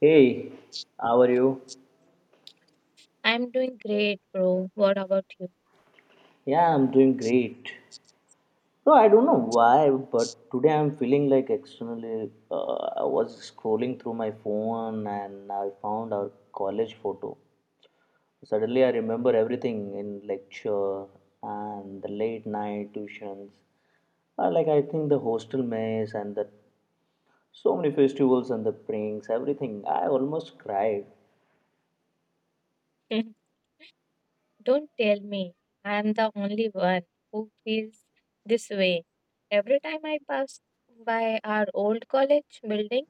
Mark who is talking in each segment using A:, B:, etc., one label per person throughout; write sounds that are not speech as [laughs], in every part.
A: Hey, how are you?
B: I'm doing great, bro. What about you?
A: Yeah, I'm doing great. No, I don't know why, but today I'm feeling like externally. I was scrolling through my phone and I found our college photo. Suddenly, I remember everything in lecture and the late night tuitions. Like I think the hostel mess and the so many festivals and the pranks, everything. I almost cried.
B: [laughs] Don't tell me I'm the only one who feels this way. Every time I pass by our old college building,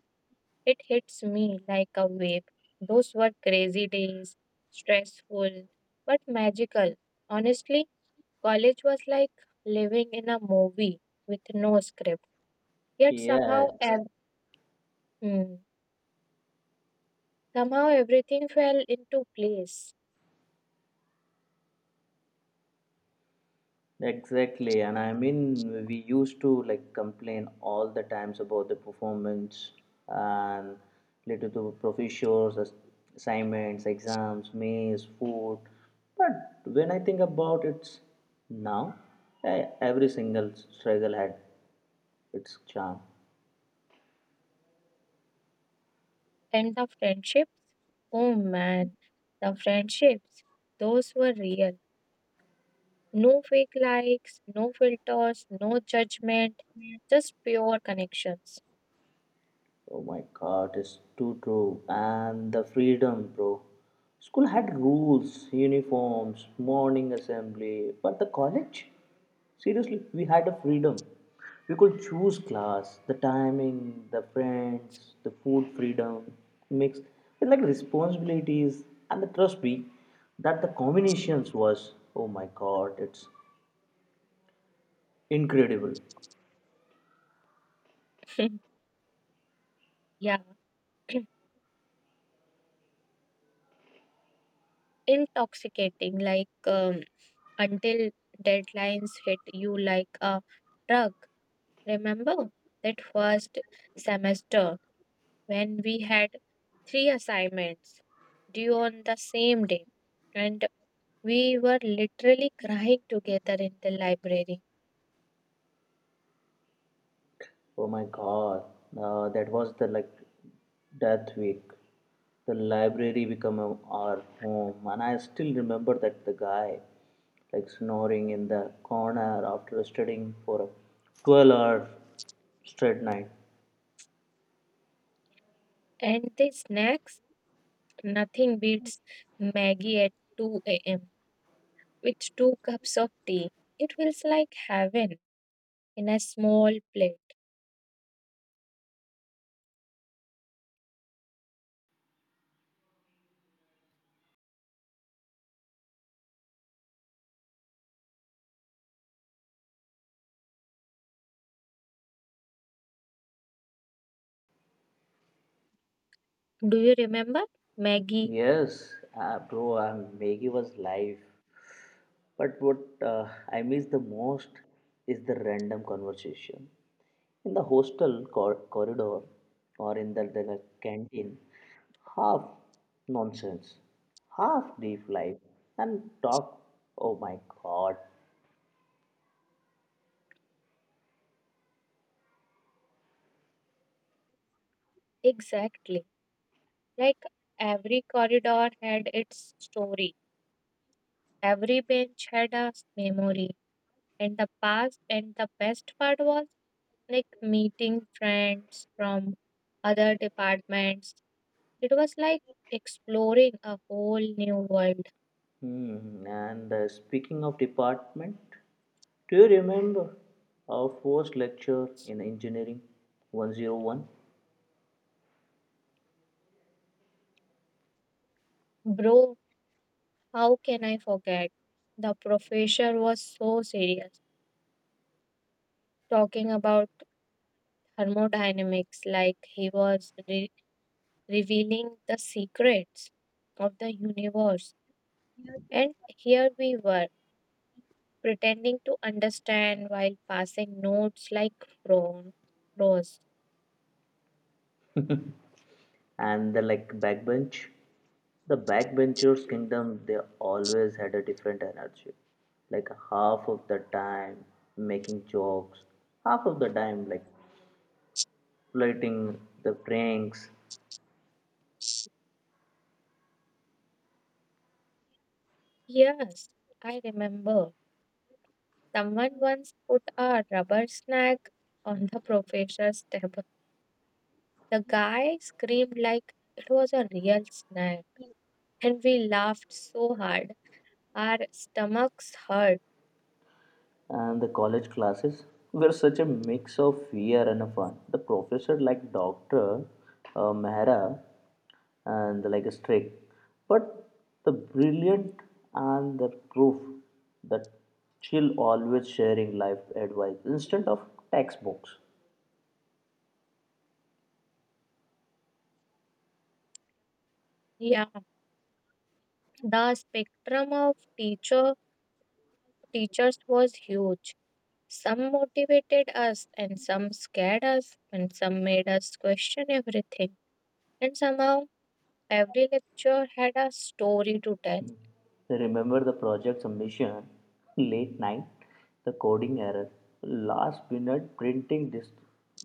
B: it hits me like a wave. Those were crazy days, stressful, but magical. Honestly, college was like living in a movie with no script. Yet
A: Yeah,
B: somehow, ev- mm, somehow everything fell into place.
A: exactly, and I mean, we used to like complain all the times about the performance and related to professors, assignments, exams, meals, food. But when I think about it now, every single struggle had its charm.
B: And the friendships? Oh man, the friendships. Those were real. No fake likes, no filters, no judgment, just pure connections.
A: Oh my god, it's too true. And the freedom, bro. School had rules, uniforms, morning assembly, but the college? Seriously, we had a freedom. We could choose class, the timing, the friends, the food freedom, mix with like responsibilities and the trust me that the combinations was oh my god, it's incredible.
B: [laughs] Yeah, intoxicating, until deadlines hit you like a drug. Remember that first semester when we had three assignments due on the same day? And. We were literally crying together in the library.
A: Oh my God, that was the like death week. The library became our home, and I still remember that the guy like snoring in the corner after studying for a 12-hour straight night.
B: And the snacks? Nothing beats Maggie at 2 a.m. with two cups of tea. It feels like heaven in a small plate. Do you remember? Maggie,
A: Yes, bro, Maggie was live. But what I miss the most is the random conversation in the hostel corridor or in the canteen. Half nonsense, half deep life, and talk. Oh my god.
B: exactly. Like every corridor had its story, every bench had a memory, and the past and the best part was like meeting friends from other departments. It was like exploring a whole new world.
A: Hmm. And speaking of department, do you remember our first lecture in engineering 101?
B: Bro, how can I forget? The professor was so serious, talking about thermodynamics like he was revealing the secrets of the universe, and here we were pretending to understand while passing notes like prawn, rose.
A: And the like backbenchers kingdom, they always had a different energy, like half of the time making jokes, half of the time like flirting the pranks.
B: Yes, I remember. Someone once put a rubber snack on the professor's table. The guy screamed like it was a real snack, and we laughed so hard our stomachs hurt.
A: And the college classes were such a mix of fear and fun. The professor, like Dr. Mehra, and like a strict, but the brilliant and the proof that she'll always sharing life advice instead of textbooks.
B: Yeah, the spectrum of teachers was huge. Some motivated us, and some scared us, and some made us question everything. And somehow every lecture had a story to tell.
A: So, remember the project submission, late night, the coding error, last minute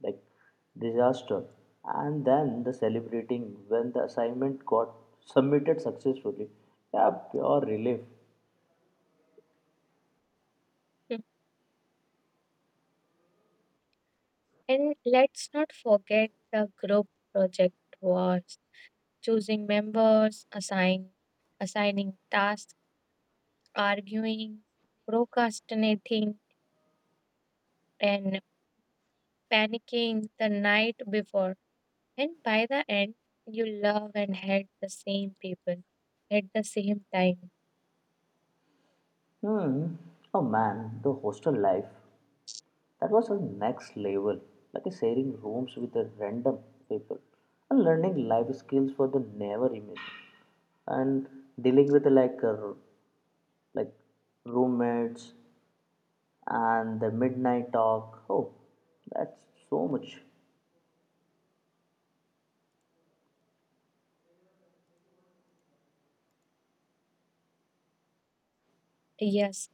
A: like disaster, and then the celebrating when the assignment got submitted successfully. Yeah, pure relief.
B: Hmm. And let's not forget the group project was choosing members, assigning tasks, arguing, procrastinating, and panicking the night before. And by the end, you love and hate the same people at the same time.
A: Hmm. Oh man, the hostel life. That was a next level, like a sharing rooms with the random people and learning life skills for the never imagined. And dealing with like like roommates and the midnight talk. Oh, that's so much.
B: Yes,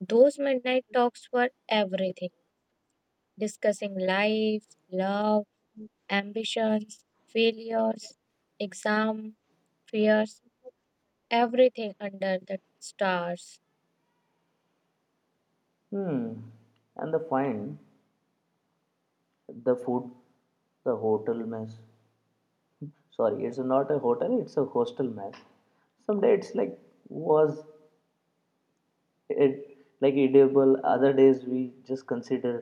B: those midnight talks were everything, discussing life, love, ambitions, failures, exam fears, everything under the stars.
A: Hmm. And the fine, the food, the hotel mess. Sorry, it's not a hotel, it's a hostel mess. Someday it's like was it like edible, other days we just consider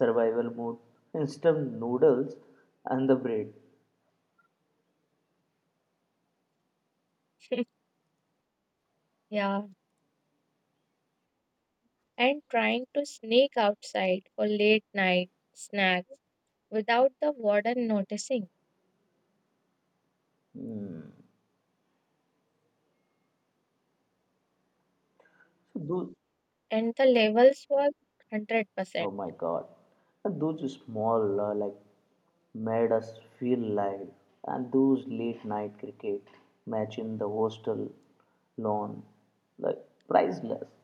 A: survival mode, instant noodles and the bread
B: Yeah, and trying to sneak outside for late night snacks without the warden noticing.
A: so those.
B: And the levels were 100%.
A: Oh my god, and those small like made us feel live, and those late night cricket match in the hostel lawn like priceless.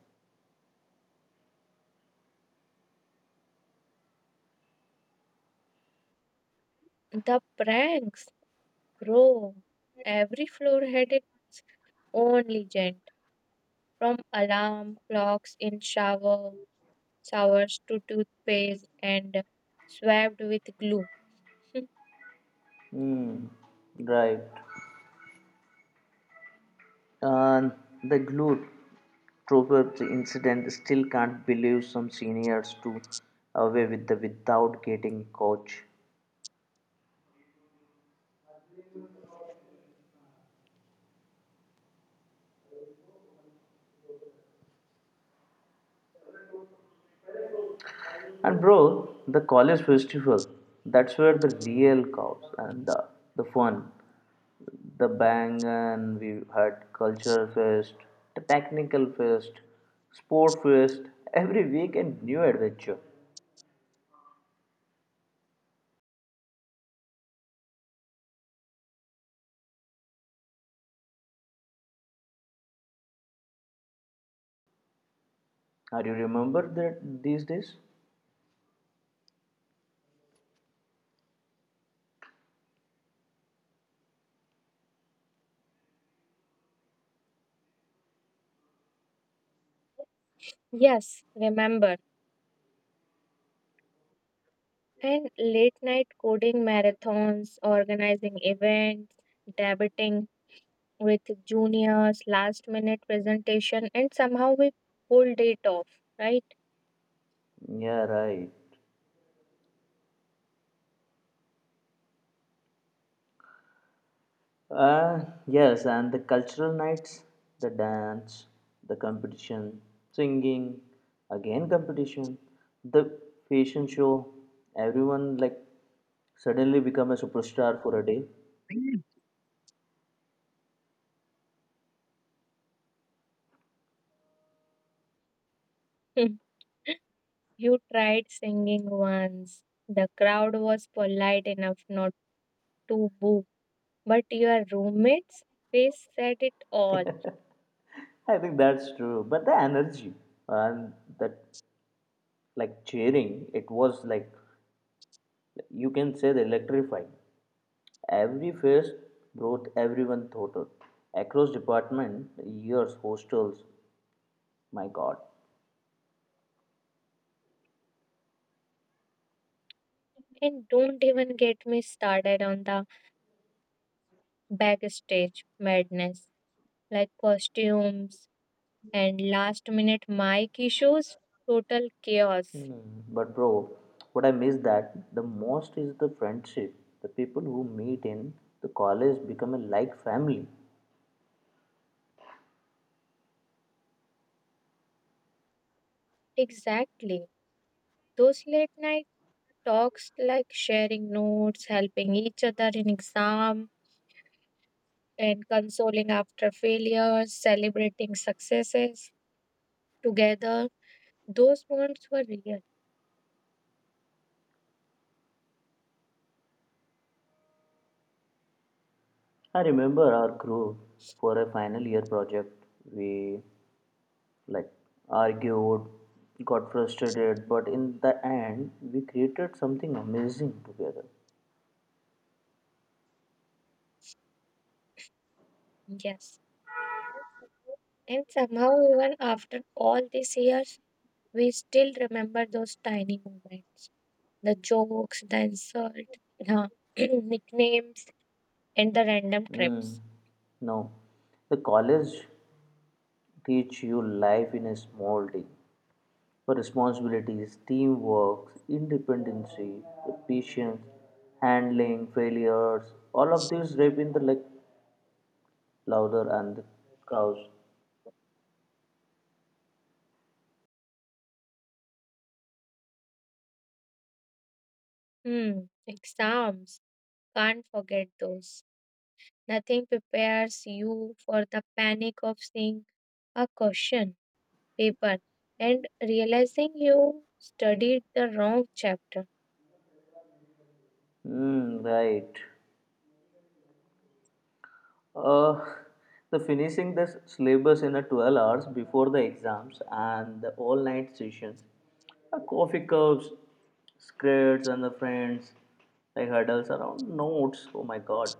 B: The pranks, bro. Every floor had its own legend, from alarm clocks in showers to toothpaste and swabbed with glue. [laughs]
A: Mm, right. Uh, the Globetrotter incident, still can't believe some seniors to away with the without getting coach. And bro, the college festival, that's where the real cows and the fun, the bang, and we had culture fest, the technical fest, sport fest, every weekend new adventure. Are you remember that these days?
B: Yes, remember. And late night coding marathons, organizing events, debating with juniors, last minute presentation, and somehow we pulled it off, right?
A: Yeah, right. Yes, and the cultural nights, the dance, the competition, singing, again competition, the fashion show, everyone like suddenly become a superstar for a day.
B: Hmm. [laughs] You tried singing once. The crowd was polite enough not to boo, but your roommate's face said it all.
A: I think that's true. But the energy and that like cheering, it was like you can say the electrifying. Every face brought everyone thought across department, years, hostels. My God.
B: And don't even get me started on the backstage madness, like costumes, and last minute mic issues, total chaos.
A: Hmm. But bro, what I miss that the most is the friendship. The people who meet in the college become a like family.
B: Exactly. Those late night talks, like sharing notes, helping each other in exam, and consoling after failures, celebrating successes together, those bonds were real.
A: I remember our group for a final year project. We like argued, got frustrated, but in the end, we created something amazing together.
B: Yes. And somehow, even after all these years, we still remember those tiny moments, the jokes, the insult, the [clears throat] nicknames, and the random
A: Mm.
B: trips.
A: No, the college teach you life in a small day. Responsibilities, teamwork, independency, patience, handling failures. All of these rape in the like louder and the cows.
B: Hmm, exams. Can't forget those. Nothing prepares you for the panic of seeing a question paper and realizing you studied the wrong chapter.
A: Mm, right. Uh, [laughs] the finishing the syllabus in a 12 hours before the exams and the all-night sessions, the coffee cups, skirts, and the friends, like hurdles around notes. Oh my God.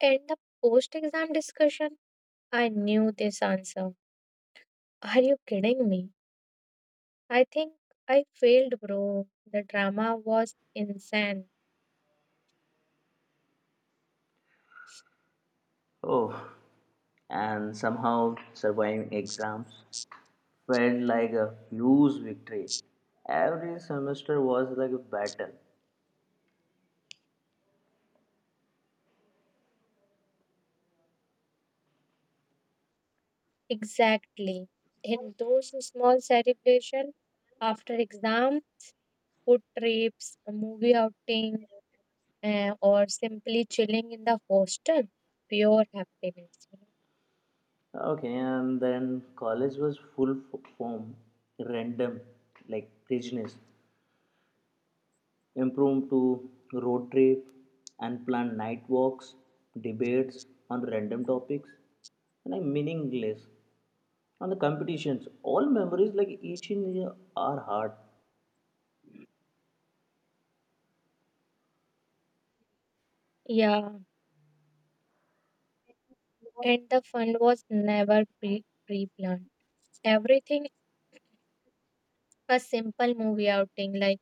B: And the post exam discussion, I knew this answer. Are you kidding me? I think I failed, bro. The drama was insane.
A: Oh, and somehow surviving exams felt like a huge victory. Every semester was like a battle.
B: Exactly. In those small celebration after exam, food trips, movie outing, eh, or simply chilling in the hostel, pure happiness.
A: Okay, and then college was full form, random, like craziness. Improved to road trip and planned night walks, debates on random topics, and I'm meaningless. On the competitions, all memories like each in our heart.
B: Yeah, and the fun was never pre planned. Everything, a simple movie outing like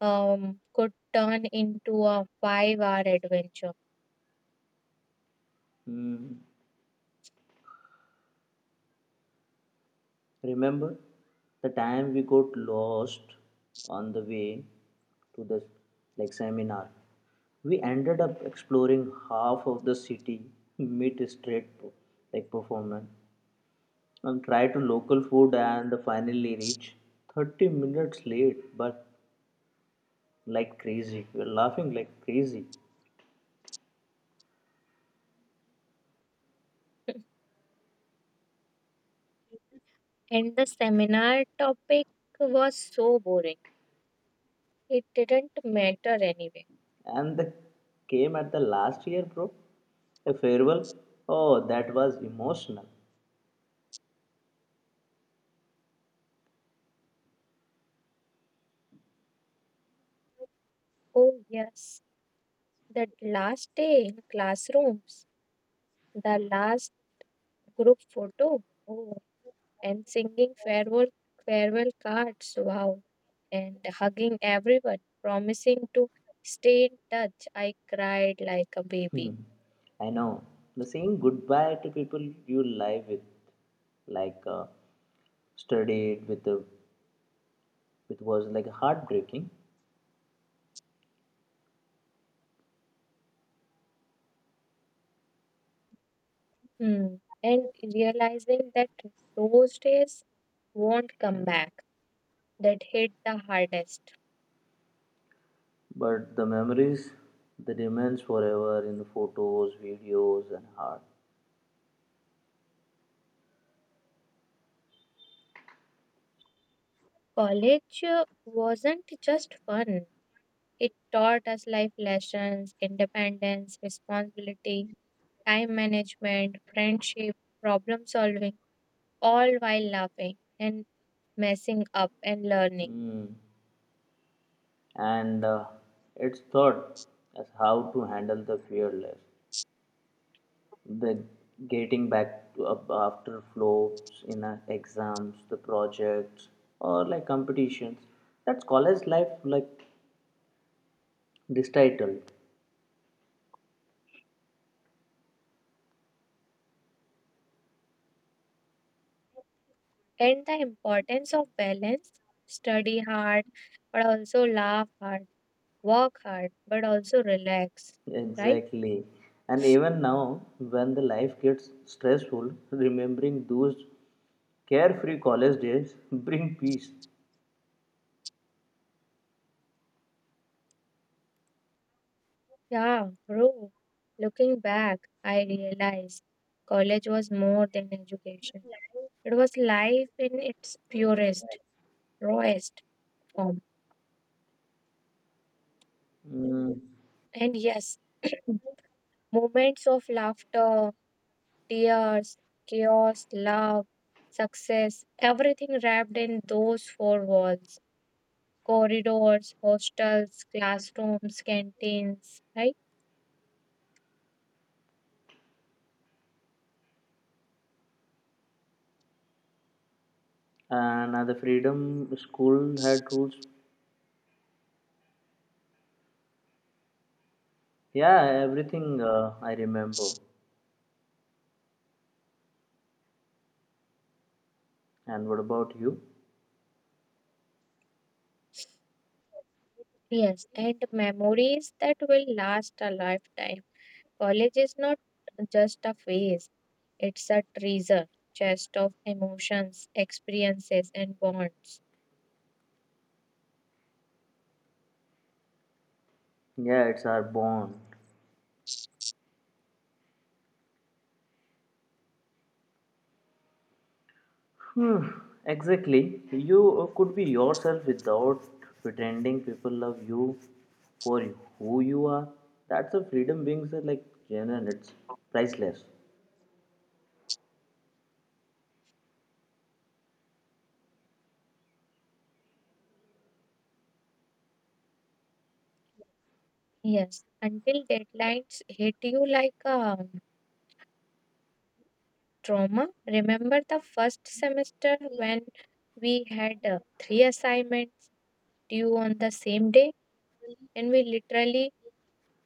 B: um could turn into a five-hour adventure.
A: Hmm. Remember the time we got lost on the way to the like seminar? We ended up exploring half of the city, mid straight like performance, and try to local food and finally reach 30 minutes late, but like crazy. We were laughing like crazy.
B: And the seminar topic was so boring. It didn't matter anyway.
A: And the came at the last year, bro. A farewell. Oh, that was emotional.
B: Oh yes, the last day in classrooms, the last group photo. Oh, and singing farewell cards, wow, and hugging everyone, promising to stay in touch. I cried like a
A: Hmm.
B: baby.
A: I know. The saying goodbye to people you live with, like studied with, the it was like heartbreaking,
B: Hmm. And realizing that those days won't come back, that hit the hardest.
A: but the memories that remains forever in the photos, videos, and heart.
B: College wasn't just fun, it taught us life lessons, independence, responsibility, time management, friendship, problem solving, all while laughing and messing up and learning.
A: Mm. And it's thought as how to handle the fearless, the getting back to up after flops in our exams, the projects, or like competitions. That's college life, like this title
B: And the importance of balance, study hard but also laugh hard, work hard but also relax, right?
A: exactly. And even now when the life gets stressful, remembering those carefree college days [laughs] bring peace.
B: Yeah, bro, looking back, I realized college was more than education, it was life in its purest, rawest form.
A: Mm,
B: And yes, [clears throat] moments of laughter, tears, chaos, love, success, everything wrapped in those four walls, corridors, hostels, classrooms, canteens, right?
A: and the freedom, school had rules, yeah, everything I remember. And what about you?
B: Yes, and memories that will last a lifetime. College is not just a phase, it's a treasure chest of emotions, experiences, and bonds.
A: Yeah, it's our bond. Hmm, exactly. You could be yourself without pretending, people love you for who you are. That's a freedom being so, like genuine. It's priceless.
B: Yes, until deadlines hit you like a trauma. Remember the first semester when we had three assignments due on the same day, and we literally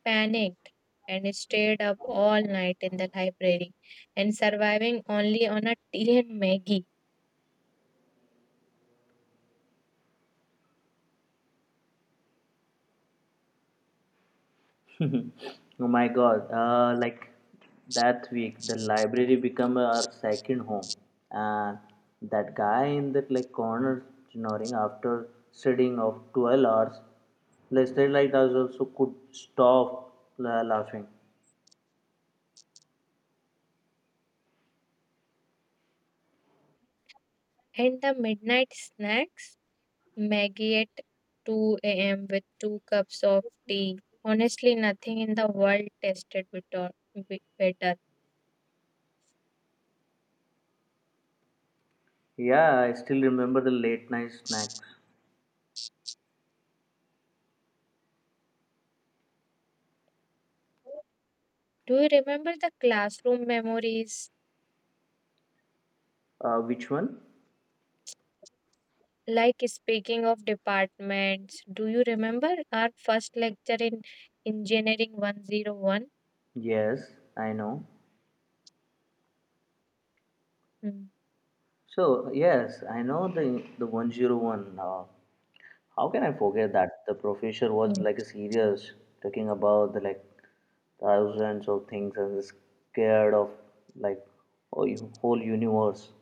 B: panicked and stayed up all night in the library and surviving only on a tea and Maggie.
A: Oh my God! Like that week, the library became our second home, and that guy in that like corner snoring after studying of 12 hours, like us also could stop laughing.
B: And the midnight snacks, Maggie at 2 a.m. with two cups of tea. Honestly, nothing in the world tasted better.
A: Yeah, I still remember the late night snacks.
B: Do you remember the classroom memories?
A: Which one?
B: Like speaking of departments, do you remember our first lecture in Engineering 101?
A: Yes, I know.
B: Hmm.
A: So, yes, I know the 101. How can I forget that? The professor was
B: Hmm.
A: like a serious, talking about the like thousands of things and scared of like whole whole universe.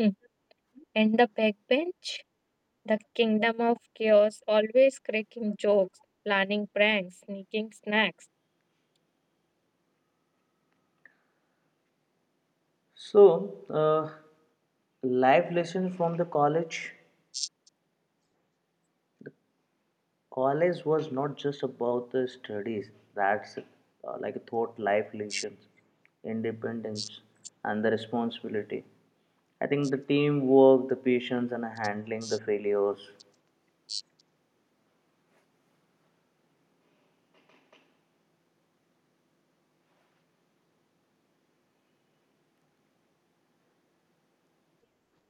B: Hmm. And the backbench? The kingdom of chaos, always cracking jokes, planning pranks, sneaking snacks.
A: So, uh, life lessons from the college. College was not just about the studies, that's like thought life lessons, independence and the responsibility. I think the teamwork, the patience and handling the failures.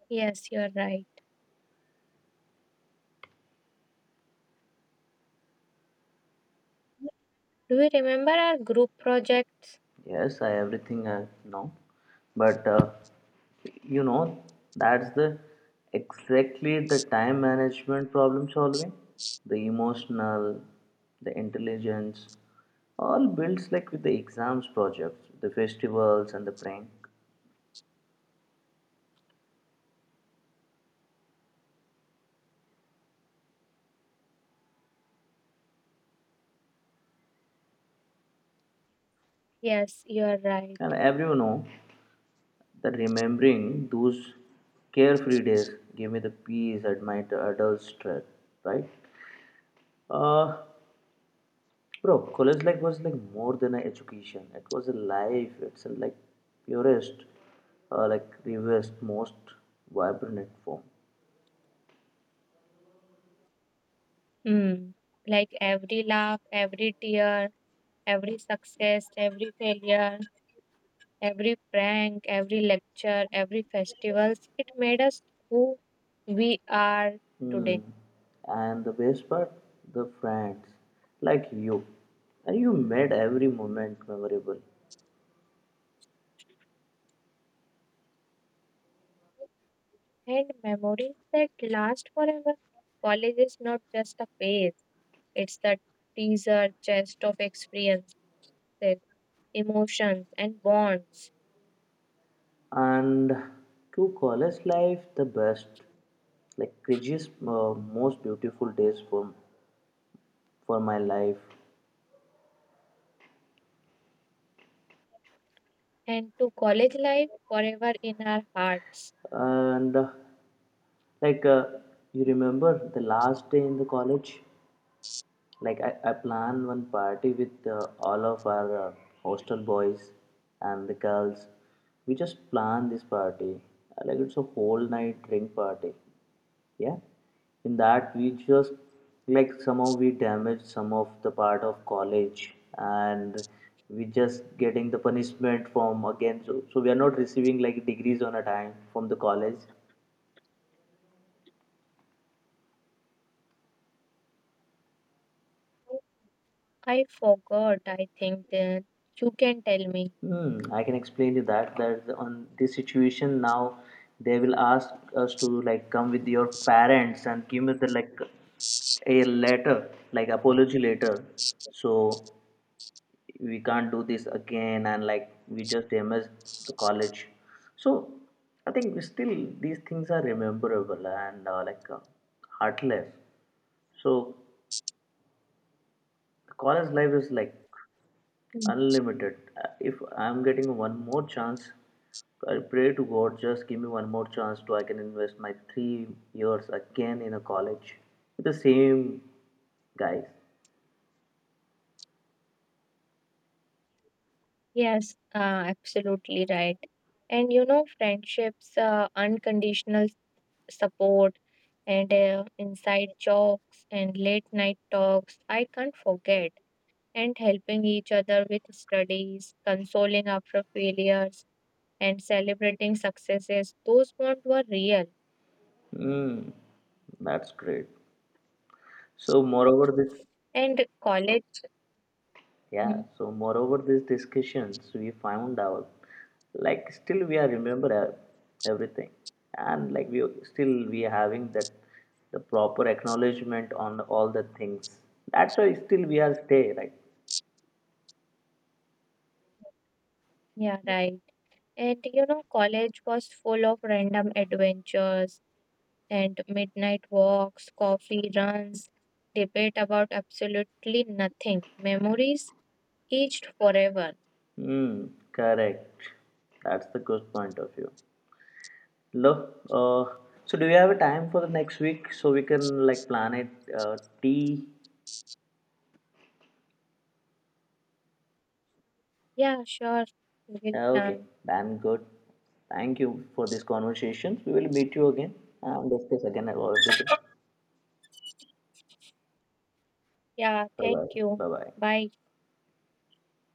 B: Yes, you're right. Do you remember our group projects?
A: Yes, I everything I know, but you know that's the exactly the time management, problem solving, the emotional, the intelligence, all builds like with the exams projects, the festivals and the prank.
B: Yes, you're right.
A: And everyone know that remembering those carefree days gave me the peace at my adult stress, right? Uh, bro, college life was like more than an education. It was a life. It's a, like purest, like rarest, most vibrant form.
B: Hmm. Like every laugh, every tear, every success, every failure, every prank, every lecture, every festivals, it made us who we are
A: Hmm.
B: today.
A: And the best part, the friends, like you, and you made every moment memorable.
B: And memories that last forever. College is not just a phase, it's the teaser chest of experiences, emotions, and bonds.
A: And to college life, the best, like craziest, most beautiful days for my life.
B: And to college life forever in our hearts.
A: And like you remember the last day in the college? Like I planned one party with all of our hostel boys and the girls. We just planned this party. Like it's a whole night drink party. Yeah. In that we just like somehow we damaged some of the part of college, and we just getting the punishment from again, so we are not receiving like degrees on a time from the college.
B: I forgot, I think, that you can tell me.
A: Hmm, I can explain to that, that on this situation now they will ask us to like come with your parents and give me the like a letter like apology letter, so we can't do this again and like we just damaged the college. So I think still these things are rememberable and like heartless. So the college life is like
B: Mm.
A: unlimited. If I'm getting one more chance, I pray to God, just give me one more chance to I can invest my 3 years again in a college with the same guys.
B: Yes, absolutely right. And you know, friendships, unconditional support, and inside jokes and late night talks, I can't forget, and helping each other with studies, consoling after failures, and celebrating successes. Those bonds were real.
A: Hmm, that's great. So, moreover, this.
B: And college, mm,
A: Yeah, so moreover, these discussions we found out, like still we are remember everything, and like we are having that the proper acknowledgement on all the things. That's why still we are stay right.
B: yeah, right. And you know, college was full of random adventures and midnight walks, coffee runs, debate about absolutely nothing. Memories aged forever.
A: Hmm, correct. That's the good point of view. Look, so do you have a time for the next week so we can like plan it? Tea.
B: Yeah, sure. We'll
A: Okay,
B: plan.
A: I'm good. Thank you for this conversation. We will meet you again and discuss again about everything.
B: Yeah,
A: Bye
B: thank
A: bye.
B: you.
A: Bye bye.
B: Bye.